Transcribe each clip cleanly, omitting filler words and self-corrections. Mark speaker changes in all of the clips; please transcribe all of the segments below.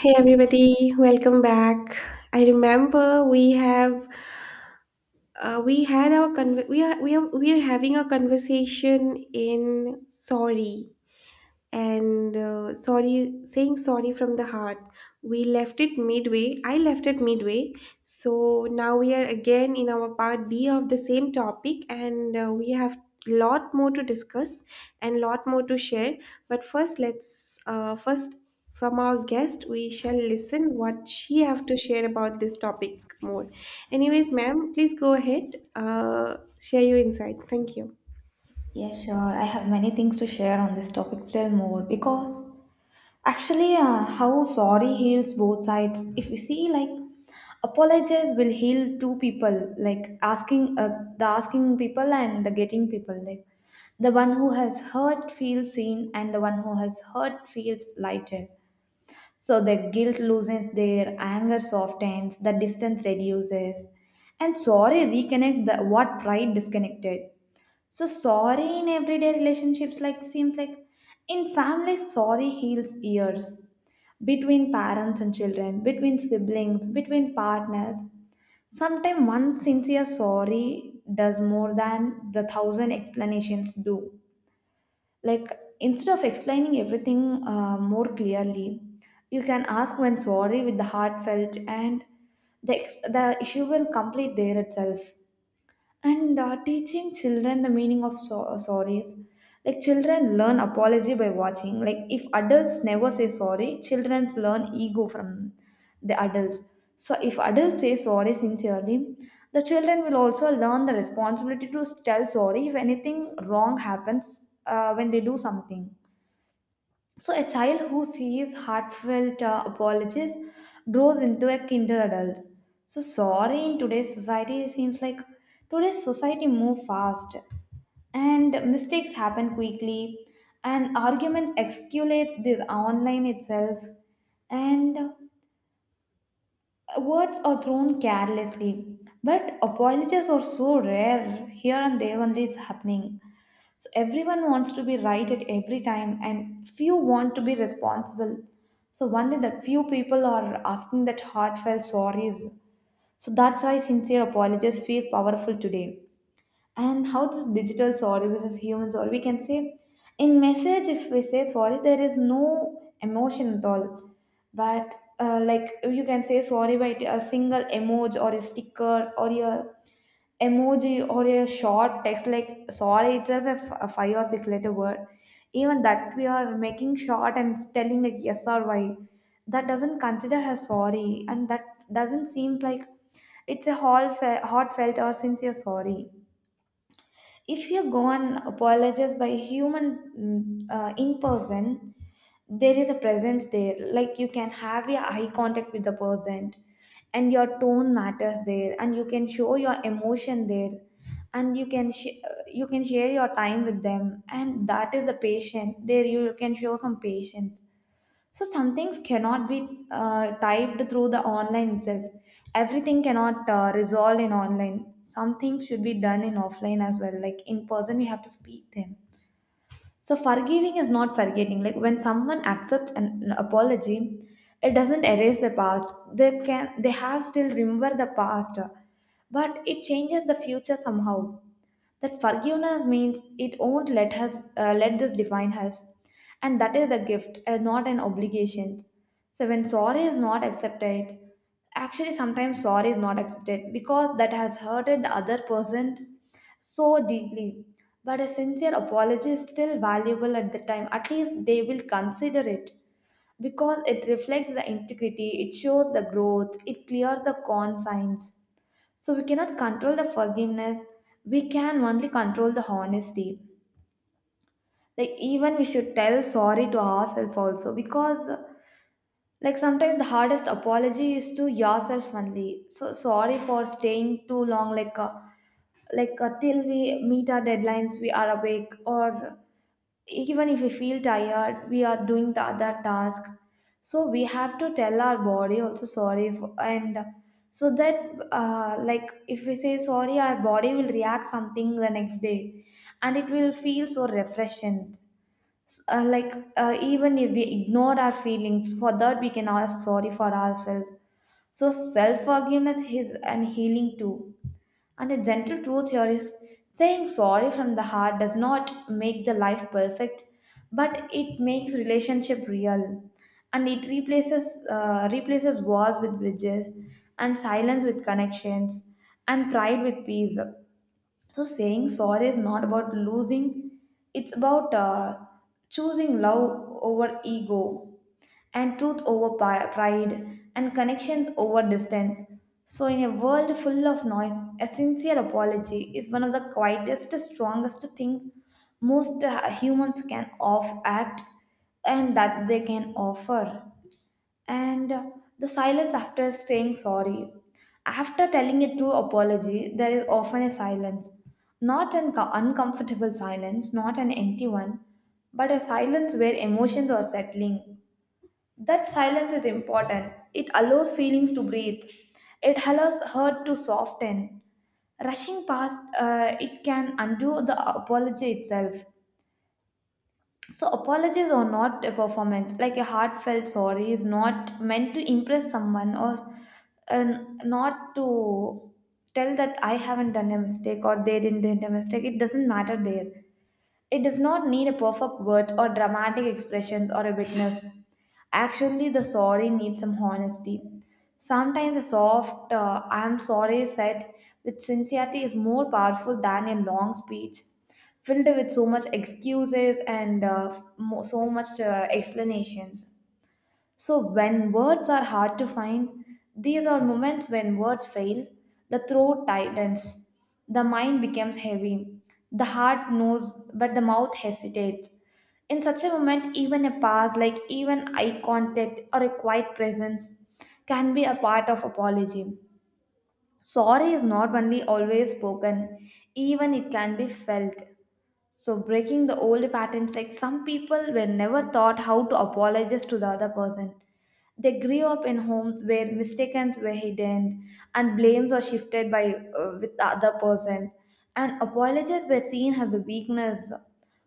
Speaker 1: Hey everybody, welcome back. I remember we have we had our we are having a conversation in sorry and sorry, saying sorry from the heart. We left it midway, I left it midway. So now we are again in our part B of the same topic, and we have lot more to discuss and lot more to share. But first, let's first from our guest we shall listen what she have to share about this topic more. Anyways, ma'am, please go ahead, share your insights. Thank you.
Speaker 2: Yeah, sure. I have many things to share on this topic still more because actually, how sorry heals both sides. If you see, like, apologize will heal two people, like asking the asking people and the getting people. Like, the one who has hurt feels seen, and the one who has hurt feels lighter. So the guilt loosens their anger softens, the distance reduces, and sorry reconnect the what pride disconnected. So sorry in everyday relationships like seems like in families sorry heals years between parents and children, between siblings, between partners. Sometimes one sincere sorry does more than the thousand explanations do. Like instead of explaining everything more clearly, you can ask when sorry with the heartfelt and the issue will complete there itself and teaching children the meaning of sorries. Like children learn apology by watching. Like if adults never say sorry, children learn ego from the adults. So if adults say sorry sincerely, the children will also learn the responsibility to tell sorry if anything wrong happens when they do something. So, a child who sees heartfelt apologies grows into a kinder adult. So, sorry in today's society seems like today's society move fast, and mistakes happen quickly, and arguments escalates this online itself, and words are thrown carelessly. But apologies are so rare here and there only it's happening. So everyone wants to be right at every time, and few want to be responsible. So one only that few people are asking that heartfelt sorries. So that's why sincere apologies feel powerful today. And how this digital sorry versus human sorry, we can say in message if we say sorry, there is no emotion at all. But like you can say sorry by a single emoji or a sticker or a emoji or a short text like sorry itself a five or six letter word even that we are making short and telling like yes or why that doesn't consider as sorry and that doesn't seems like it's a whole heartfelt or sincere sorry if you go and apologize by human in person, there is a presence there. Like you can have your eye contact with the person, and your tone matters there, and you can show your emotion there, and you can you can share your time with them, and that is the patient there. You can show some patience so some things cannot be typed through the online itself. Everything cannot resolve in online. Some things should be done in offline as well. Like in person, we have to speak them. So forgiving is not forgetting. Like when someone accepts an apology, it doesn't erase the past. They have still remember the past, but it changes the future somehow that forgiveness means it won't let us let this define us and that is a gift and not an obligation so when sorry is not accepted actually sometimes sorry is not accepted because that has hurted the other person so deeply but a sincere apology is still valuable at the time at least they will consider it because it reflects the integrity it shows the growth it clears the consigns so we cannot control the forgiveness. We can only control the honesty. Like even we should tell sorry to ourselves also because like sometimes the hardest apology is to yourself only. So sorry for staying too long. Like till we meet our deadlines, we are awake or even if we feel tired we are doing the other task so we have to tell our body also sorry for, and so that like if we say sorry our body will react something the next day and it will feel so refreshing Like even if we ignore our feelings for that we can ask sorry for ourselves so self forgiveness is an healing too and a gentle truth here is saying sorry from the heart does not make the life perfect, but it makes relationship real. And it replaces replaces walls with bridges, and silence with connections, and pride with peace. So saying sorry is not about losing; it's about choosing love over ego and truth over pride, and connections over distance. So, in a world full of noise, a sincere apology is one of the quietest, strongest things most humans can offer. And the silence after saying sorry. After telling a true apology, there is often a silence. Not an uncomfortable silence, not an empty one, but a silence where emotions are settling that silence is important. It allows feelings to breathe. It allows hurt to soften. Rushing past, it can undo the apology itself. So, apologies are not a performance. Like a heartfelt sorry is not meant to impress someone or uh, not to tell that I haven't done a mistake or they didn't do a mistake. It doesn't matter there. It does not need a perfect words or dramatic expressions or a witness. Actually, the sorry needs some honesty. Sometimes a soft "I am sorry" said with sincerity is more powerful than a long speech filled with so much excuses and so much explanations. So, when words are hard to find, these are moments when words fail, the throat tightens, the mind becomes heavy, the heart knows, but the mouth hesitates. In such a moment, even a pause, like even eye contact or a quiet presence, can be a part of apology. Sorry is not only always spoken, even it can be felt. So breaking the old patterns, like some people were never taught how to apologize to the other person. They grew up in homes where mistakes were hidden and blames are shifted by with the other persons, and apologies were seen as a weakness.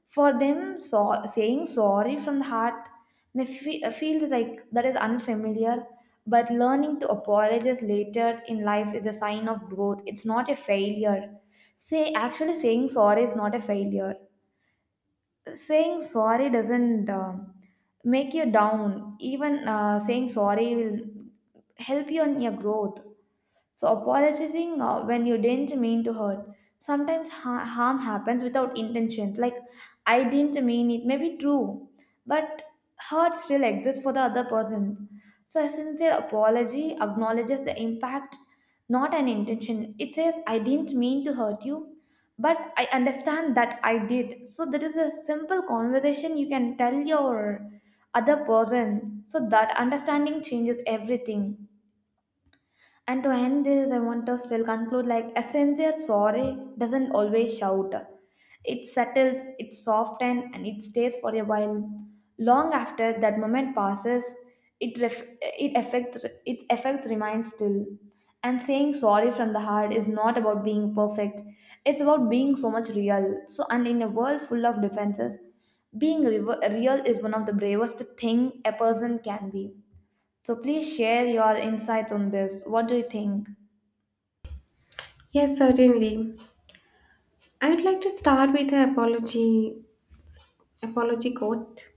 Speaker 2: For them, so, saying sorry from the heart may feels like that is unfamiliar, but learning to apologize later in life is a sign of growth. It's not a failure. Say actually saying sorry is not a failure saying sorry doesn't make you down even saying sorry will help you on your growth so, apologizing when you didn't mean to hurt. Sometimes harm happens without intention. Like, I didn't mean it, may be true, but hurt still exists for the other person. So, a sincere apology acknowledges the impact, not an intention. It says, I didn't mean to hurt you, but I understand that I did. So, that is a simple conversation you can tell your other person. So, that understanding changes everything. And to end this, I want to still conclude like a sincere sorry doesn't always shout. It settles, it softens, and it stays for a while. Long after that moment passes, it affects its effect remains still. And saying sorry from the heart is not about being perfect. It's about being so much real. So, and in a world full of defenses, being real is one of the bravest thing a person can be. So please share your insights on this. What do you think?
Speaker 1: Yes, certainly. I would like to start with an apology quote.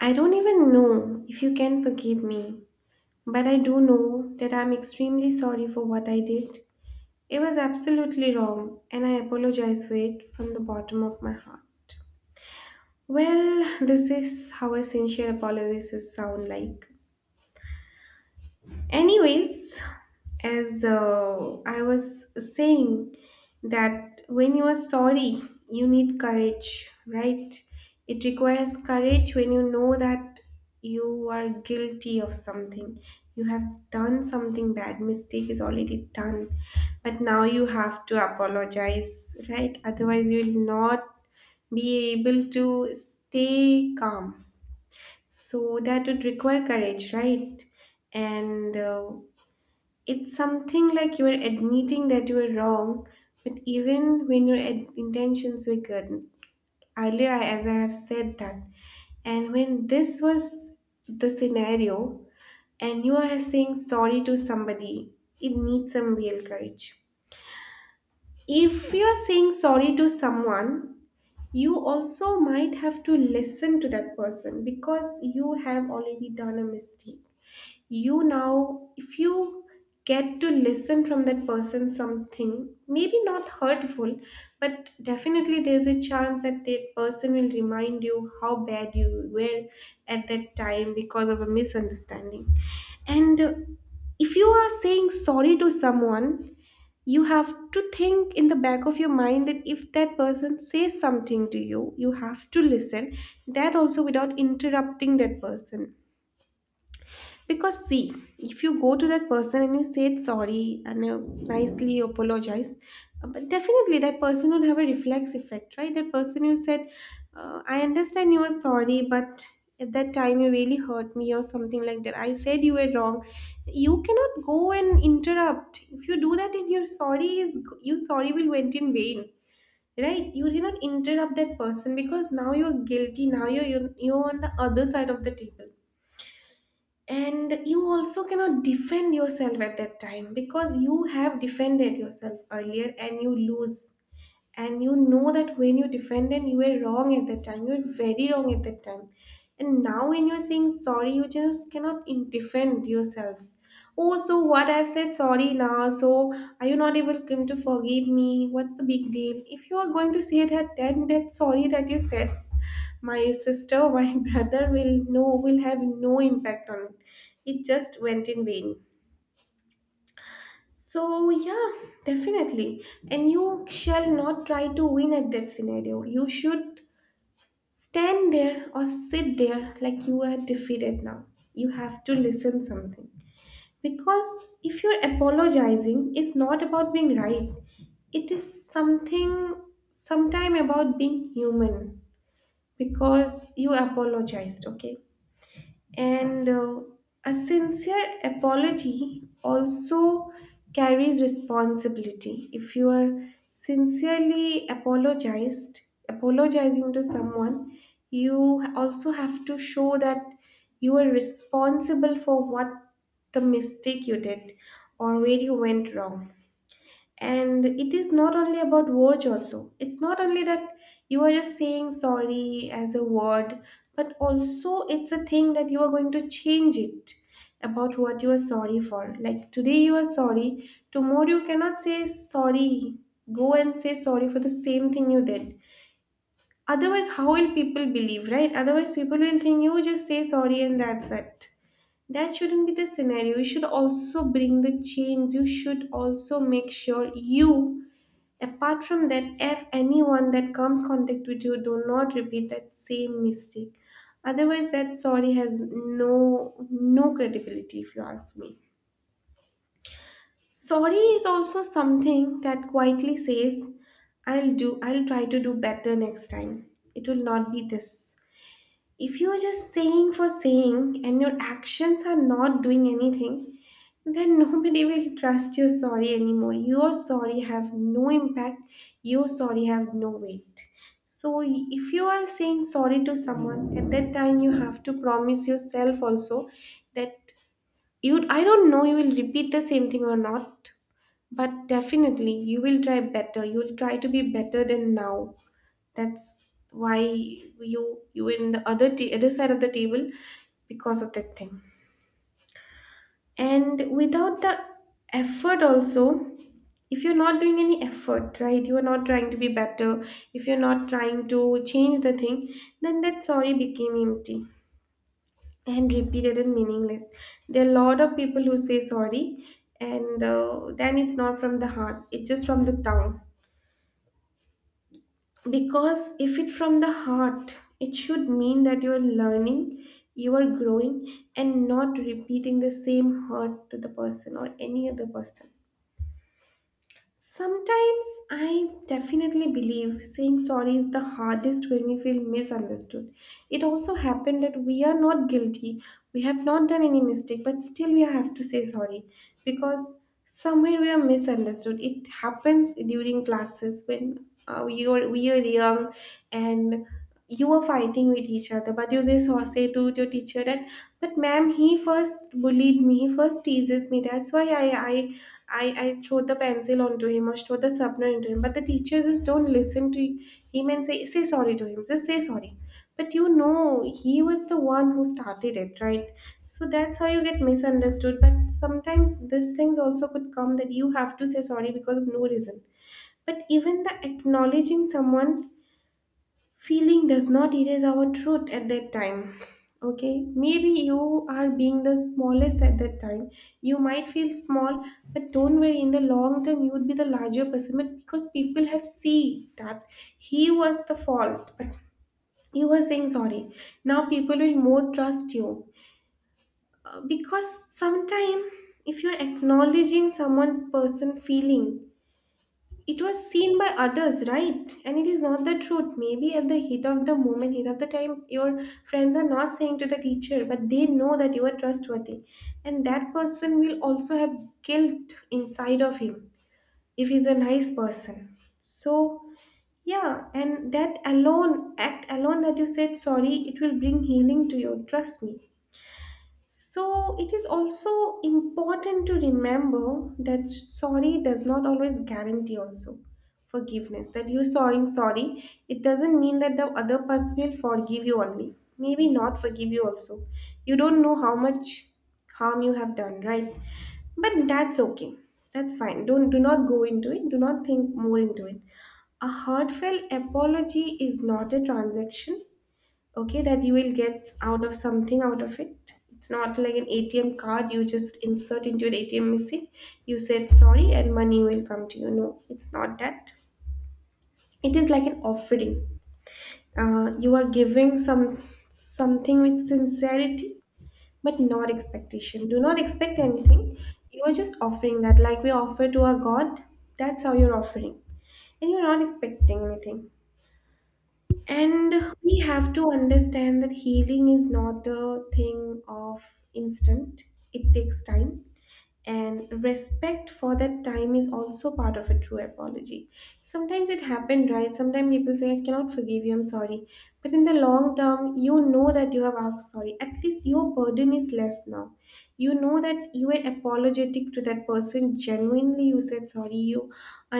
Speaker 1: I don't even know if you can forgive me, but I do know that I'm extremely sorry for what I did. It was absolutely wrong, and I apologize for it from the bottom of my heart. Well, this is how a sincere apology should sound like. Anyways, as I was saying, that when you are sorry, you need courage, right? It requires courage when you know that you are guilty of something, you have done something bad, mistake is already done, but now you have to apologize, right? Otherwise you will not be able to stay calm. So that would require courage, right? And it's something like you are admitting that you were wrong, but even when your intentions were good. Earlier, as I have said that, and when this was the scenario, and you are saying sorry to somebody, it needs some real courage. If you are saying sorry to someone, you also might have to listen to that person because you have already done a mistake. You now, if you get to listen from that person something maybe not hurtful, but definitely there's a chance that that person will remind you how bad you were at that time because of a misunderstanding. And if you are saying sorry to someone, you have to think in the back of your mind that if that person says something to you, you have to listen that also without interrupting that person. Because see, if you go to that person and you say it's sorry and nicely apologize, but definitely that person would have a reflex effect, right? That person, you said, I understand you were sorry, but at that time you really hurt me or something like that. I said you were wrong. You cannot go and interrupt. If you do that, in your sorry, is your sorry will went in vain. Right, you cannot interrupt that person because now you're guilty. Now you're on the other side of the table, and you also cannot defend yourself at that time because you have defended yourself earlier and you lose. And you know that when you defended, you were wrong at that time, you were very wrong at that time. And now when you're saying sorry, you just cannot defend yourself. Oh, so what, I said sorry now, so are you not able come to forgive me? What's the big deal? If you are going to say that, then that sorry that you said, my sister, my brother, will will have no impact on it. It just went in vain. So yeah, definitely. And you shall not try to win at that scenario. You should stand there or sit there like you are defeated now. You have to listen something. Because if you're apologizing, it's not about being right. It is something, sometime about being human, because you apologized, okay. And a sincere apology also carries responsibility. If you are sincerely apologized, apologizing to someone, you also have to show that you are responsible for what the mistake you did or where you went wrong. And it is not only about words also, it's not only that you are just saying sorry as a word, but also it's a thing that you are going to change it about what you are sorry for. Like today you are sorry, tomorrow you cannot say sorry, go and say sorry for the same thing you did. Otherwise how will people believe, right? Otherwise people will think you just say sorry and that's it. That shouldn't be the scenario. You should also bring the change, you should also make sure you, apart from that, if anyone that comes contact with you, do not repeat that same mistake. Otherwise, that sorry has no credibility if you ask me. Sorry is also something that quietly says, I'll try to do better next time. It will not be this. If you're just saying for saying and your actions are not doing anything, then nobody will trust your sorry anymore. Your sorry have no impact, your sorry have no weight. So if you are saying sorry to someone, at that time you have to promise yourself also that you, I don't know, you will repeat the same thing or not, but definitely you will try better. You'll try to be better than now. That's why you, you in the other other side of the table, because of that thing. And without the effort also, if you're not doing any effort, right? You are not trying to be better. If you're not trying to change the thing, then that sorry became empty and repeated and meaningless. There are a lot of people who say sorry, and then it's not from the heart. It's just from the tongue. Because if it's from the heart, it should mean that you are learning, you are growing, and not repeating the same hurt to the person or any other person. Sometimes, I definitely believe saying sorry is the hardest when we feel misunderstood. It also happened that we are not guilty, we have not done any mistake, but still we have to say sorry because somewhere we are misunderstood. It happens during classes when we are young, and you were fighting with each other, but you just say to your teacher that, but ma'am, he first bullied me, he first teases me, that's why I throw the pencil onto him or throw the sharpener into him, but the teacher just don't listen to him and say, say sorry to him, just say sorry. But you know, he was the one who started it, right? So that's how you get misunderstood. But sometimes these things also could come that you have to say sorry because of no reason. But even the acknowledging someone feeling does not erase our truth at that time. Okay, maybe you are being the smallest at that time, you might feel small, but don't worry, in the long term you would be the larger person. But because people have seen that he was the fault but you were saying sorry, now people will more trust you. Because sometimes, if you're acknowledging someone person feeling, it was seen by others, right? And it is not the truth. Maybe at the heat of the moment, heat of the time, your friends are not saying to the teacher, but they know that you are trustworthy. And that person will also have guilt inside of him if he's a nice person. So, yeah, and that alone, act alone that you said sorry, it will bring healing to you. Trust me. So it is also important to remember that sorry does not always guarantee also forgiveness. That you saying sorry, it doesn't mean that the other person will forgive you only. Maybe not forgive you also. You don't know how much harm you have done, right? But that's okay. That's fine. Don't, do not go into it. Do not think more into it. A heartfelt apology is not a transaction, okay? That you will get out of something out of it, it's not like an ATM card you just insert into your ATM machine, you said sorry and money will come to you. No, it's not that. It is like an offering. You are giving some something with sincerity, but not expectation. Do not expect anything. You are just offering that like we offer to our god. That's how you're offering, and you're not expecting anything. And we have to understand that healing is not a thing of instant, it takes time. And respect for that time is also part of a true apology. Sometimes it happened, right? Sometimes people say, I cannot forgive you, I'm sorry. But in the long term, you know that you have asked sorry, at least your burden is less now. You know that you were apologetic to that person genuinely, you said sorry, you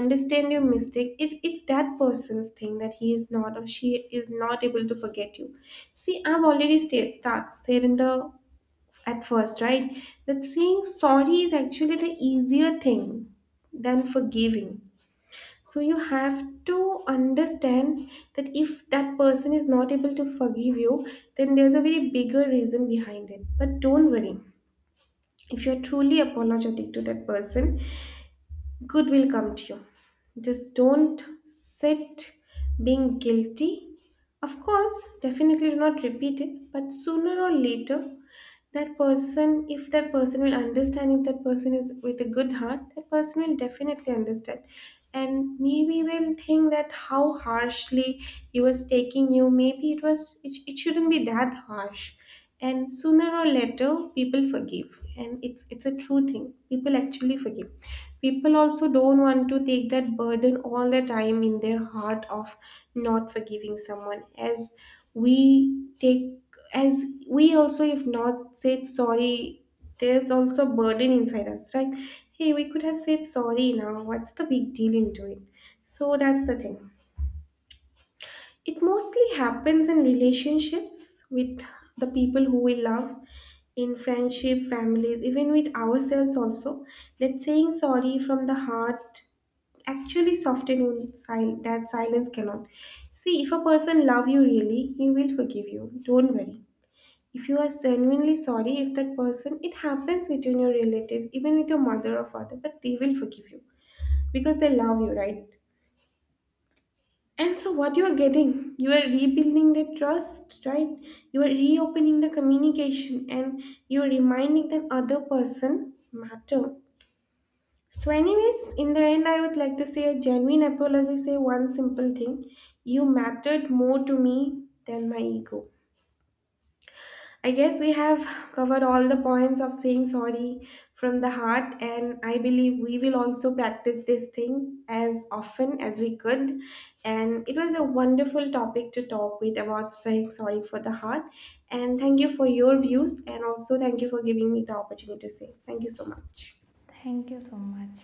Speaker 1: understand your mistake. It's that person's thing that he is not or she is not able to forget you. See, I've already start said in the at first, right? That saying sorry is actually the easier thing than forgiving. So you have to understand that if that person is not able to forgive you, then there's a very bigger reason behind it. But don't worry. If you're truly apologetic to that person, good will come to you. Just don't sit being guilty. Of course, definitely do not repeat it, but sooner or later, that person, if that person will understand, if that person is with a good heart, that person will definitely understand. And maybe will think that how harshly he was taking you, maybe it shouldn't be that harsh. And sooner or later, people forgive, and it's a true thing, people actually forgive. People also don't want to take that burden all the time in their heart of not forgiving someone, as we take, as we also if not said sorry, there's also a burden inside us, right? Hey, we could have said sorry, now what's the big deal into it. So that's the thing. It mostly happens in relationships with the people who we love, in friendship, families, even with ourselves also. That saying sorry from the heart actually soften wound, that silence cannot. See, if a person love you really, he will forgive you, don't worry. If you are genuinely sorry, if that person, it happens between your relatives even with your mother or father, but they will forgive you because they love you, right? And so what you are getting, you are rebuilding that trust, right? You are reopening the communication, and you are reminding that other person matter. So anyways, in the end, I would like to say a genuine apology say one simple thing: you mattered more to me than my ego. I guess we have covered all the points of saying sorry from the heart, and I believe we will also practice this thing as often as we could. And it was a wonderful topic to talk with about saying sorry for the heart. And thank you for your views, and also thank you for giving me the opportunity to say. Thank you so much.
Speaker 2: Thank you so much.